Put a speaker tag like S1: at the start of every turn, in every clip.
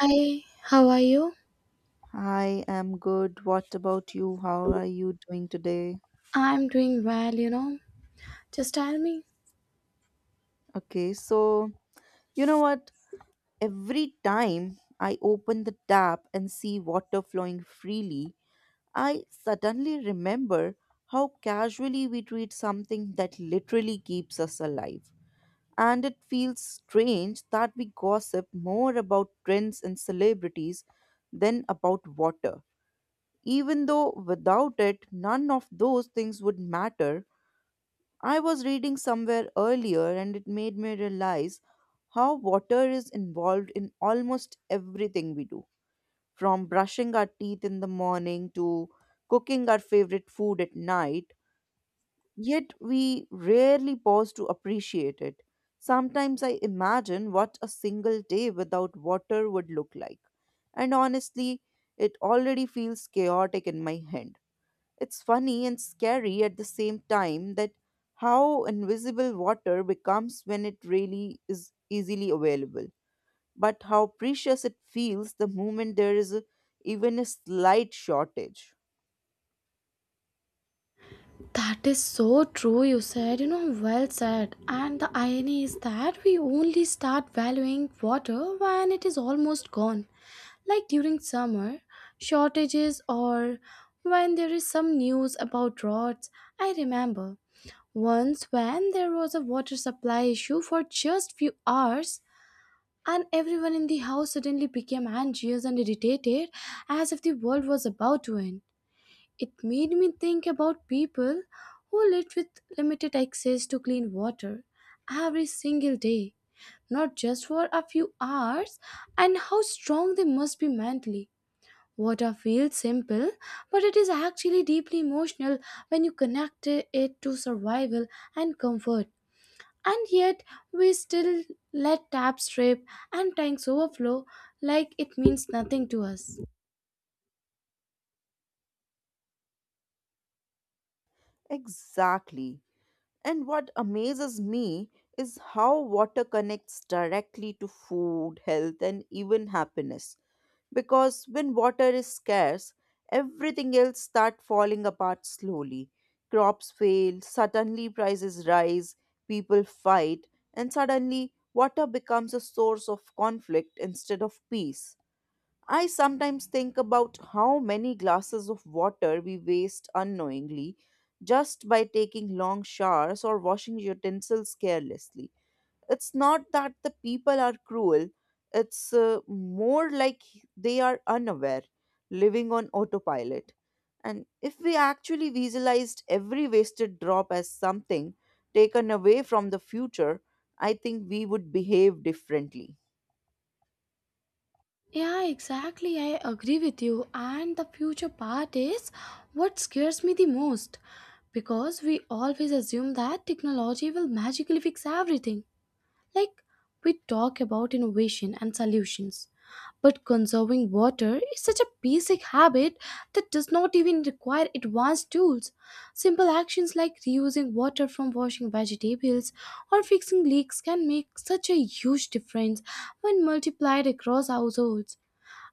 S1: Hi, how are you?
S2: I am good. What about you? How are you doing today?
S1: I'm doing well, you know. Just tell me.
S2: Okay, so you know what? Every time I open the tap and see water flowing freely, I suddenly remember how casually we treat something that literally keeps us alive. And it feels strange that we gossip more about trends and celebrities than about water. Even though without it, none of those things would matter. I was reading somewhere earlier and it made me realize how water is involved in almost everything we do, from brushing our teeth in the morning to cooking our favorite food at night, yet we rarely pause to appreciate it. Sometimes I imagine what a single day without water would look like, and honestly, it already feels chaotic in my head. It's funny and scary at the same time that how invisible water becomes when it really is easily available, but how precious it feels the moment there is a, even a slight shortage.
S1: That is so true, you said. You know, well said. And the irony is that we only start valuing water when it is almost gone, like during summer, shortages, or when there is some news about droughts. I remember once when there was a water supply issue for just few hours. And everyone in the house suddenly became anxious and irritated as if the world was about to end. It made me think about people who lived with limited access to clean water every single day, not just for a few hours, and how strong they must be mentally. Water feels simple, but it is actually deeply emotional when you connect it to survival and comfort. And yet, we still let taps drip and tanks overflow like it means nothing to us.
S2: Exactly. And what amazes me is how water connects directly to food, health, and even happiness. Because when water is scarce, everything else starts falling apart slowly. Crops fail, suddenly prices rise, people fight, and suddenly water becomes a source of conflict instead of peace. I sometimes think about how many glasses of water we waste unknowingly just by taking long showers or washing utensils carelessly. It's not that the people are cruel, it's more like they are unaware, living on autopilot. And if we actually visualized every wasted drop as something taken away from the future, I think we would behave differently.
S1: Yeah, exactly. I agree with you. And the future part is what scares me the most because we always assume that technology will magically fix everything. Like, we talk about innovation and solutions, but conserving water is such a basic habit that does not even require advanced tools. Simple actions like reusing water from washing vegetables or fixing leaks can make such a huge difference when multiplied across households.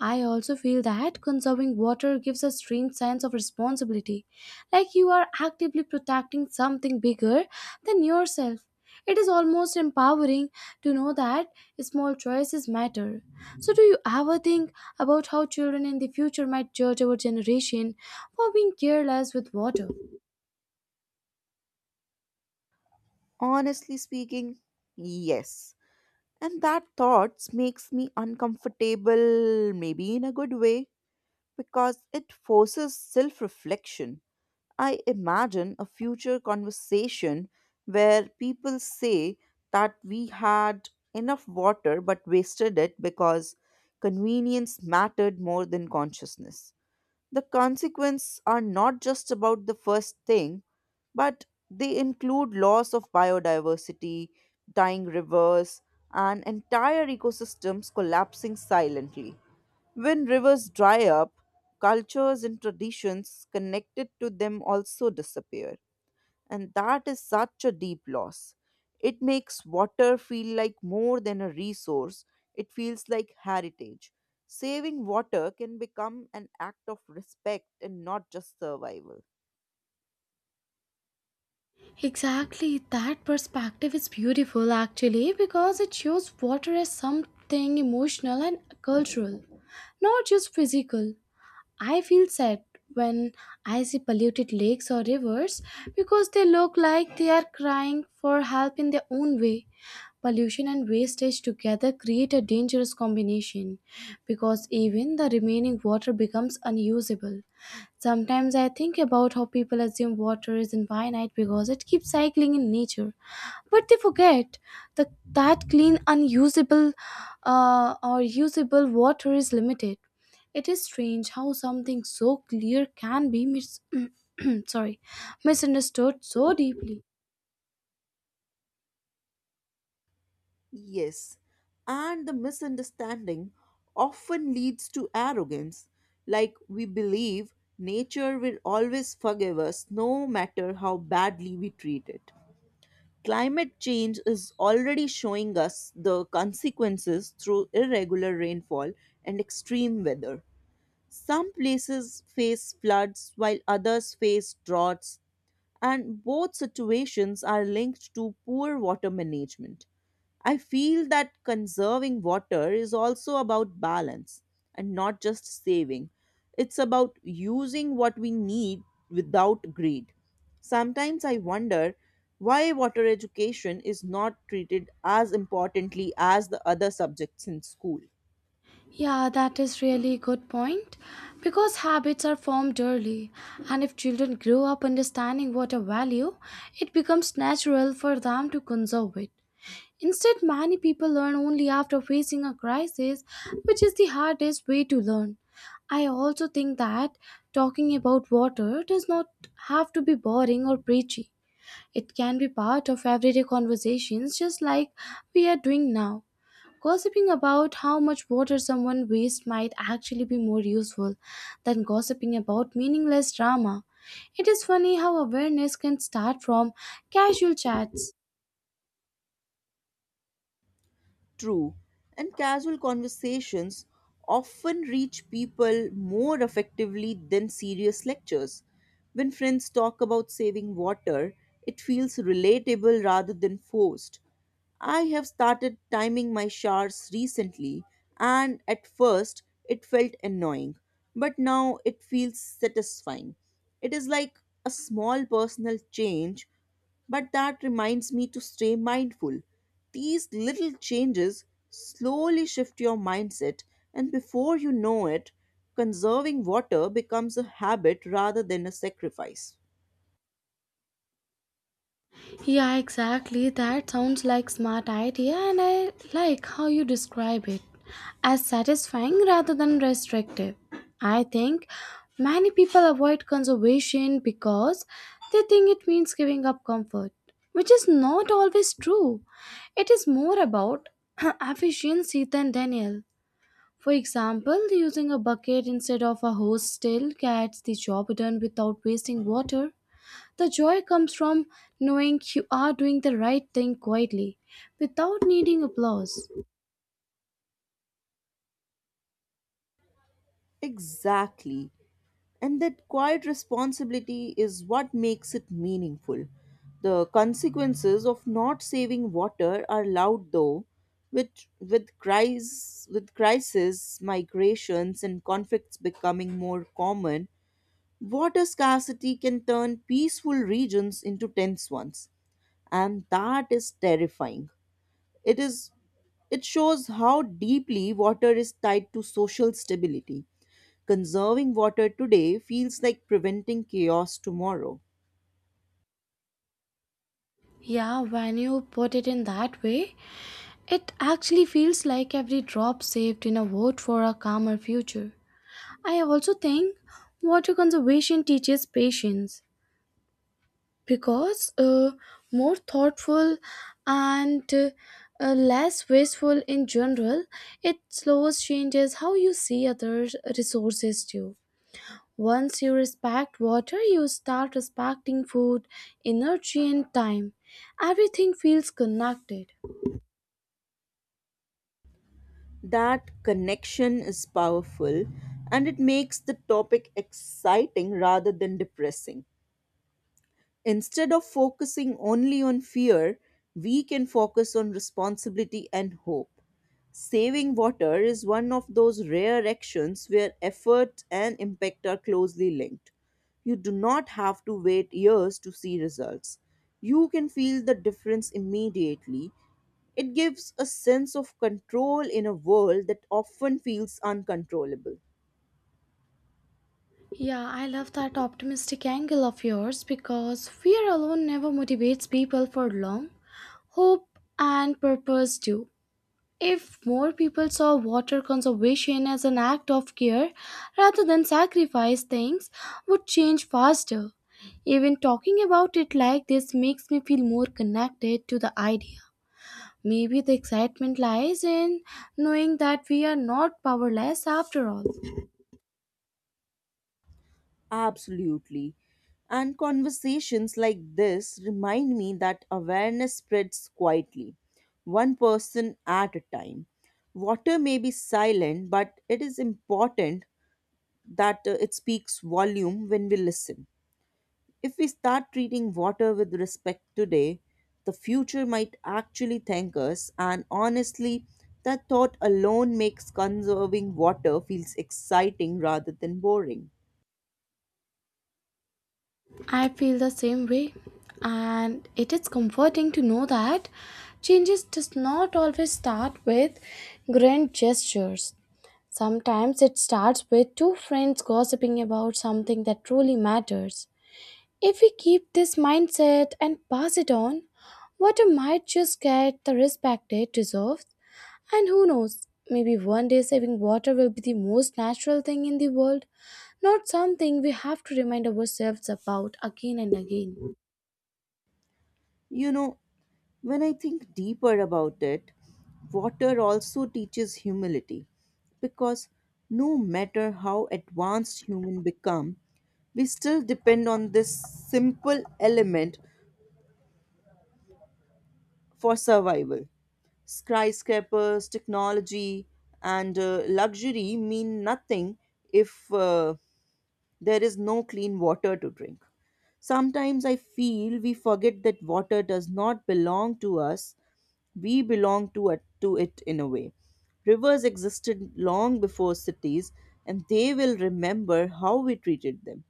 S1: I also feel that conserving water gives a strange sense of responsibility, like you are actively protecting something bigger than yourself. It is almost empowering to know that small choices matter. So, do you ever think about how children in the future might judge our generation for being careless with water?
S2: Honestly speaking, yes. And that thoughts makes me uncomfortable, maybe in a good way, because it forces self reflection. I imagine a future conversation where people say that we had enough water but wasted it because convenience mattered more than consciousness. The consequences are not just about the first thing, but they include loss of biodiversity, dying rivers, and entire ecosystems collapsing silently. When rivers dry up, cultures and traditions connected to them also disappear and that is such a deep loss. It makes water feel like more than a resource, it feels like heritage. Saving water can become an act of respect and not just survival.
S1: Exactly, that perspective is beautiful actually because it shows water as something emotional and cultural, not just physical. I feel sad when I see polluted lakes or rivers because they look like they are crying for help in their own way. Pollution and wastage together create a dangerous combination because even the remaining water becomes unusable. Sometimes I think about how people assume water is infinite because it keeps cycling in nature, but they forget the, that clean, unusable, or usable water is limited. It is strange how something so clear can be mis- sorry, misunderstood so deeply.
S2: Yes, and the misunderstanding often leads to arrogance, like we believe nature will always forgive us no matter how badly we treat it. Climate change is already showing us the consequences through irregular rainfall and extreme weather. Some places face floods while others face droughts and both situations are linked to poor water management. I feel that conserving water is also about balance and not just saving. It's about using what we need without greed. Sometimes I wonder why water education is not treated as importantly as the other subjects in school.
S1: Yeah, that is really good point. Because habits are formed early, and if children grow up understanding water value, it becomes natural for them to conserve it. Instead, many people learn only after facing a crisis, which is the hardest way to learn. I also think that talking about water does not have to be boring or preachy. It can be part of everyday conversations, just like we are doing now. Gossiping about how much water someone wastes might actually be more useful than gossiping about meaningless drama. It is funny how awareness can start from casual chats.
S2: True, and casual conversations often reach people more effectively than serious lectures. When friends talk about saving water, it feels relatable rather than forced. I have started timing my showers recently, and at first it felt annoying, but now it feels satisfying. It is like a small personal change but that reminds me to stay mindful. These little changes slowly shift your mindset, and before you know it, conserving water becomes a habit rather than a sacrifice.
S1: Yeah, exactly. That sounds like smart idea, and I like how you describe it as satisfying rather than restrictive. I think many people avoid conservation because they think it means giving up comfort, which is not always true. It is more about efficiency than Daniel. For example, using a bucket instead of a hose still gets the job done without wasting water. The joy comes from knowing you are doing the right thing quietly, without needing applause.
S2: Exactly. And that quiet responsibility is what makes it meaningful. The consequences of not saving water are loud though, with crises, migrations and conflicts becoming more common. Water scarcity can turn peaceful regions into tense ones, and that is terrifying. It is it shows how deeply water is tied to social stability. Conserving water today feels like preventing chaos tomorrow.
S1: Yeah, when you put it in that way, it actually feels like every drop saved in a vote for a calmer future. I also think water conservation teaches patience because more thoughtful and less wasteful in general, it slows changes how you see other resources too. Once you respect water, you start respecting food, energy, and time. Everything feels connected.
S2: That connection is powerful and it makes the topic exciting rather than depressing. Instead of focusing only on fear, we can focus on responsibility and hope. Saving water is one of those rare actions where effort and impact are closely linked. You do not have to wait years to see results. You can feel the difference immediately. It gives a sense of control in a world that often feels uncontrollable.
S1: Yeah, I love that optimistic angle of yours because fear alone never motivates people for long. Hope and purpose do. If more people saw water conservation as an act of care rather than sacrifice, things would change faster. Even talking about it like this makes me feel more connected to the idea. Maybe the excitement lies in knowing that we are not powerless after all.
S2: Absolutely. And conversations like this remind me that awareness spreads quietly, one person at a time. Water may be silent, but it is important that it speaks volume when we listen. If we start treating water with respect today, the future might actually thank us. And honestly, that thought alone makes conserving water feels exciting rather than boring.
S1: I feel the same way, and it is comforting to know that changes does not always start with grand gestures. Sometimes it starts with two friends gossiping about something that truly matters. If we keep this mindset and pass it on, water might just get the respect it deserves. And who knows, maybe one day saving water will be the most natural thing in the world, not something we have to remind ourselves about again and again.
S2: You know, when I think deeper about it, water also teaches humility because no matter how advanced human become, we still depend on this simple element for survival. Skyscrapers, technology, and luxury mean nothing if there is no clean water to drink. Sometimes I feel we forget that water does not belong to us, we belong to it in a way. Rivers existed long before cities, and they will remember how we treated them.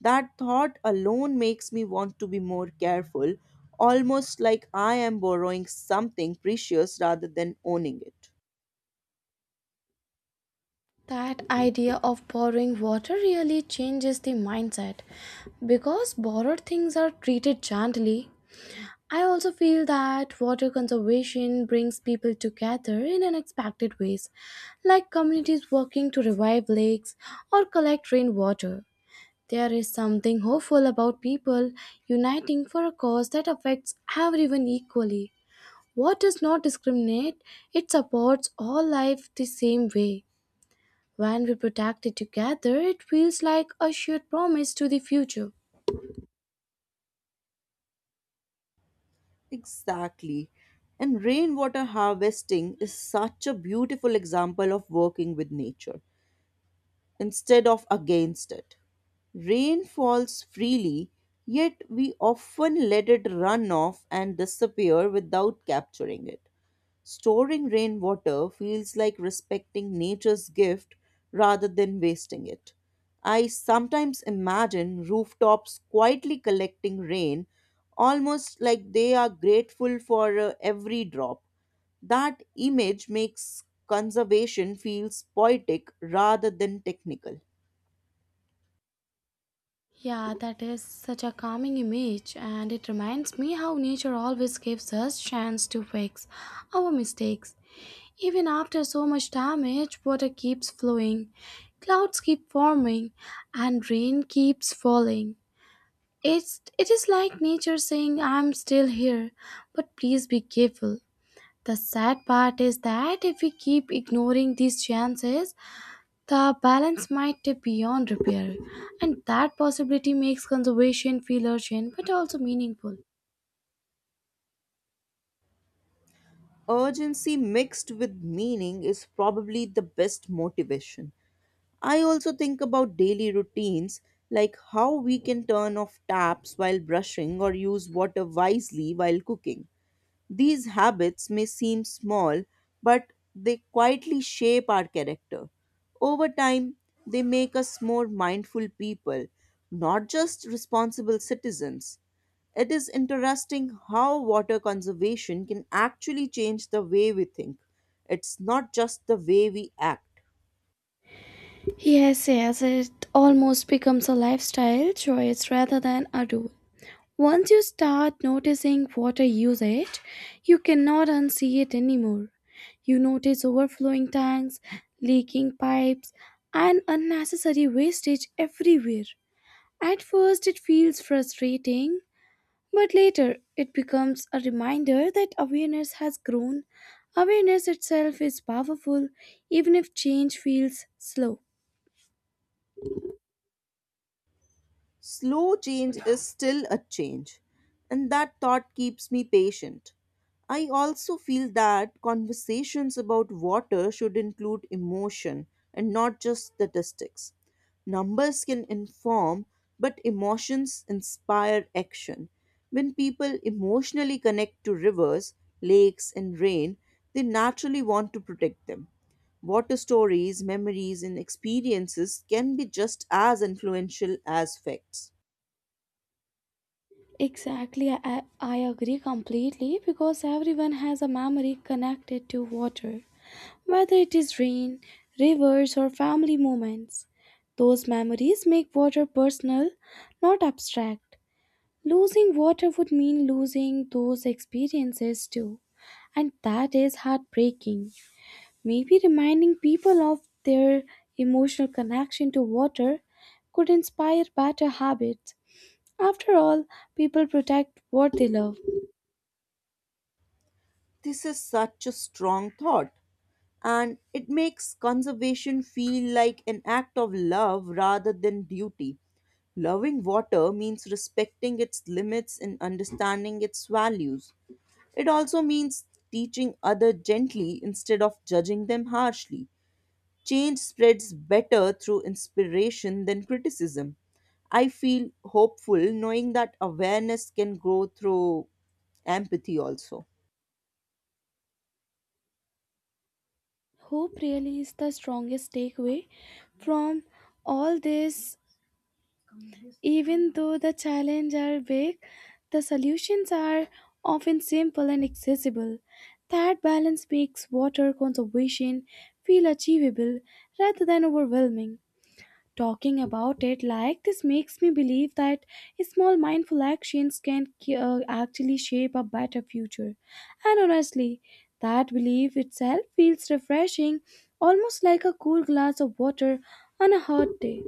S2: That thought alone makes me want to be more careful, almost like I am borrowing something precious rather than owning it.
S1: That idea of borrowing water really changes the mindset because borrowed things are treated gently. I also feel that water conservation brings people together in unexpected ways, like communities working to revive lakes or collect rainwater. There is something hopeful about people uniting for a cause that affects everyone equally. What does not discriminate, it supports all life the same way. When we protect it together, it feels like a shared promise to the future.
S2: Exactly. And rainwater harvesting is such a beautiful example of working with nature instead of against it. Rain falls freely, yet we often let it run off and disappear without capturing it. Storing rainwater feels like respecting nature's gift rather than wasting it. I sometimes imagine rooftops quietly collecting rain, almost like they are grateful for every drop. That image makes conservation feels poetic rather than technical.
S1: Yeah, that is such a calming image, and it reminds me how nature always gives us chance to fix our mistakes. Even after so much damage, water keeps flowing, clouds keep forming, and rain keeps falling. It is like nature saying, "I'm still here, but please be careful." The sad part is that if we keep ignoring these chances, the balance might tip beyond repair, and that possibility makes conservation feel urgent but also meaningful.
S2: Urgency mixed with meaning is probably the best motivation. I also think about daily routines like how we can turn off taps while brushing or use water wisely while cooking. These habits may seem small, but they quietly shape our character. Over time, they make us more mindful people, not just responsible citizens. It is interesting how water conservation can actually change the way we think. It's not just the way we act.
S1: Yes, yes, it almost becomes a lifestyle choice rather than a rule. Once you start noticing water usage, you cannot unsee it anymore. You notice overflowing tanks, leaking pipes, and unnecessary wastage everywhere. At first, it feels frustrating. But later, it becomes a reminder that awareness has grown. Awareness itself is powerful, even if change feels slow.
S2: Slow change is still a change, and that thought keeps me patient. I also feel that conversations about water should include emotion and not just statistics. Numbers can inform, but emotions inspire action. When people emotionally connect to rivers, lakes, and rain, they naturally want to protect them. Water stories, memories, and experiences can be just as influential as facts.
S1: Exactly, I agree completely because everyone has a memory connected to water, whether it is rain, rivers, or family moments. Those memories make water personal, not abstract. Losing water would mean losing those experiences too, and that is heartbreaking. Maybe reminding people of their emotional connection to water could inspire better habits. After all, people protect what they love.
S2: This is such a strong thought, and it makes conservation feel like an act of love rather than duty. Loving water means respecting its limits and understanding its values. It also means teaching others gently instead of judging them harshly. Change spreads better through inspiration than criticism. I feel hopeful knowing that awareness can grow through empathy also.
S1: Hope really is the strongest takeaway from all this. Even though the challenges are big, the solutions are often simple and accessible. That balance makes water conservation feel achievable rather than overwhelming. Talking about it like this makes me believe that small mindful actions can actually shape a better future. And honestly, that belief itself feels refreshing, almost like a cool glass of water on a hot day.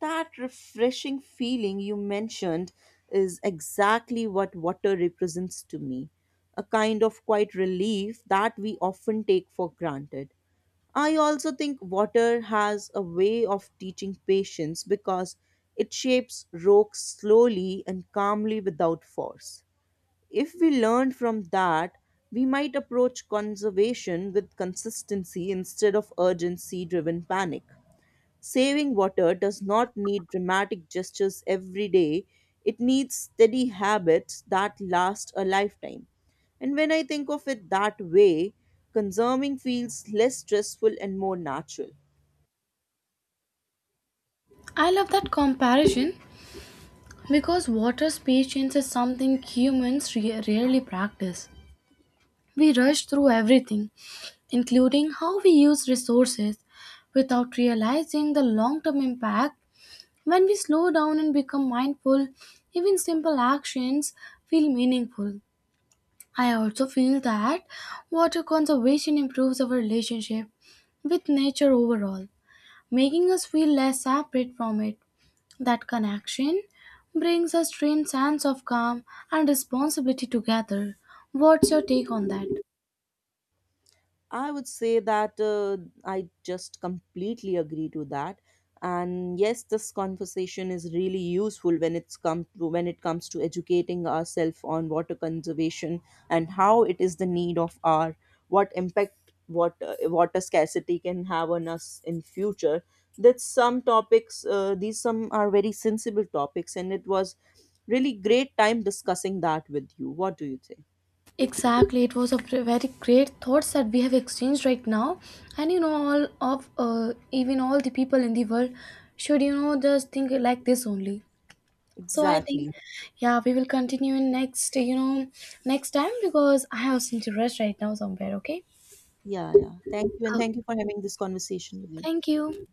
S2: That refreshing feeling you mentioned is exactly what water represents to me, a kind of quiet relief that we often take for granted. I also think water has a way of teaching patience because it shapes rocks slowly and calmly without force. If we learn from that, we might approach conservation with consistency instead of urgency driven panic. Saving water does not need dramatic gestures every day, it needs steady habits that last a lifetime. And when I think of it that way, consuming feels less stressful and more natural.
S1: I love that comparison because water's patience is something humans rarely practice. We rush through everything, including how we use resources, without realizing the long term impact. When we slow down and become mindful, even simple actions feel meaningful. I also feel that water conservation improves our relationship with nature overall, making us feel less separate from it. That connection brings a strange sense of calm and responsibility together. What's your take on that?
S2: I would say that I just completely agree to that. And yes, this conversation is really useful when it comes to educating ourselves on water conservation and how it is the need of our, what impact, what water scarcity can have on us in future. That some topics these some are very sensible topics, and it was really great time discussing that with you. What do you say?
S1: Exactly, it was a very great thoughts that we have exchanged right now, and you know, all of even all the people in the world should, you know, just think like this only. So I think,
S2: Exactly.
S1: yeah, we will continue in next, you know, next time because I have some to rush right now somewhere. Okay.
S2: Yeah, yeah. Thank you. And
S1: Okay,
S2: thank you for having this conversation with me.
S1: thank you.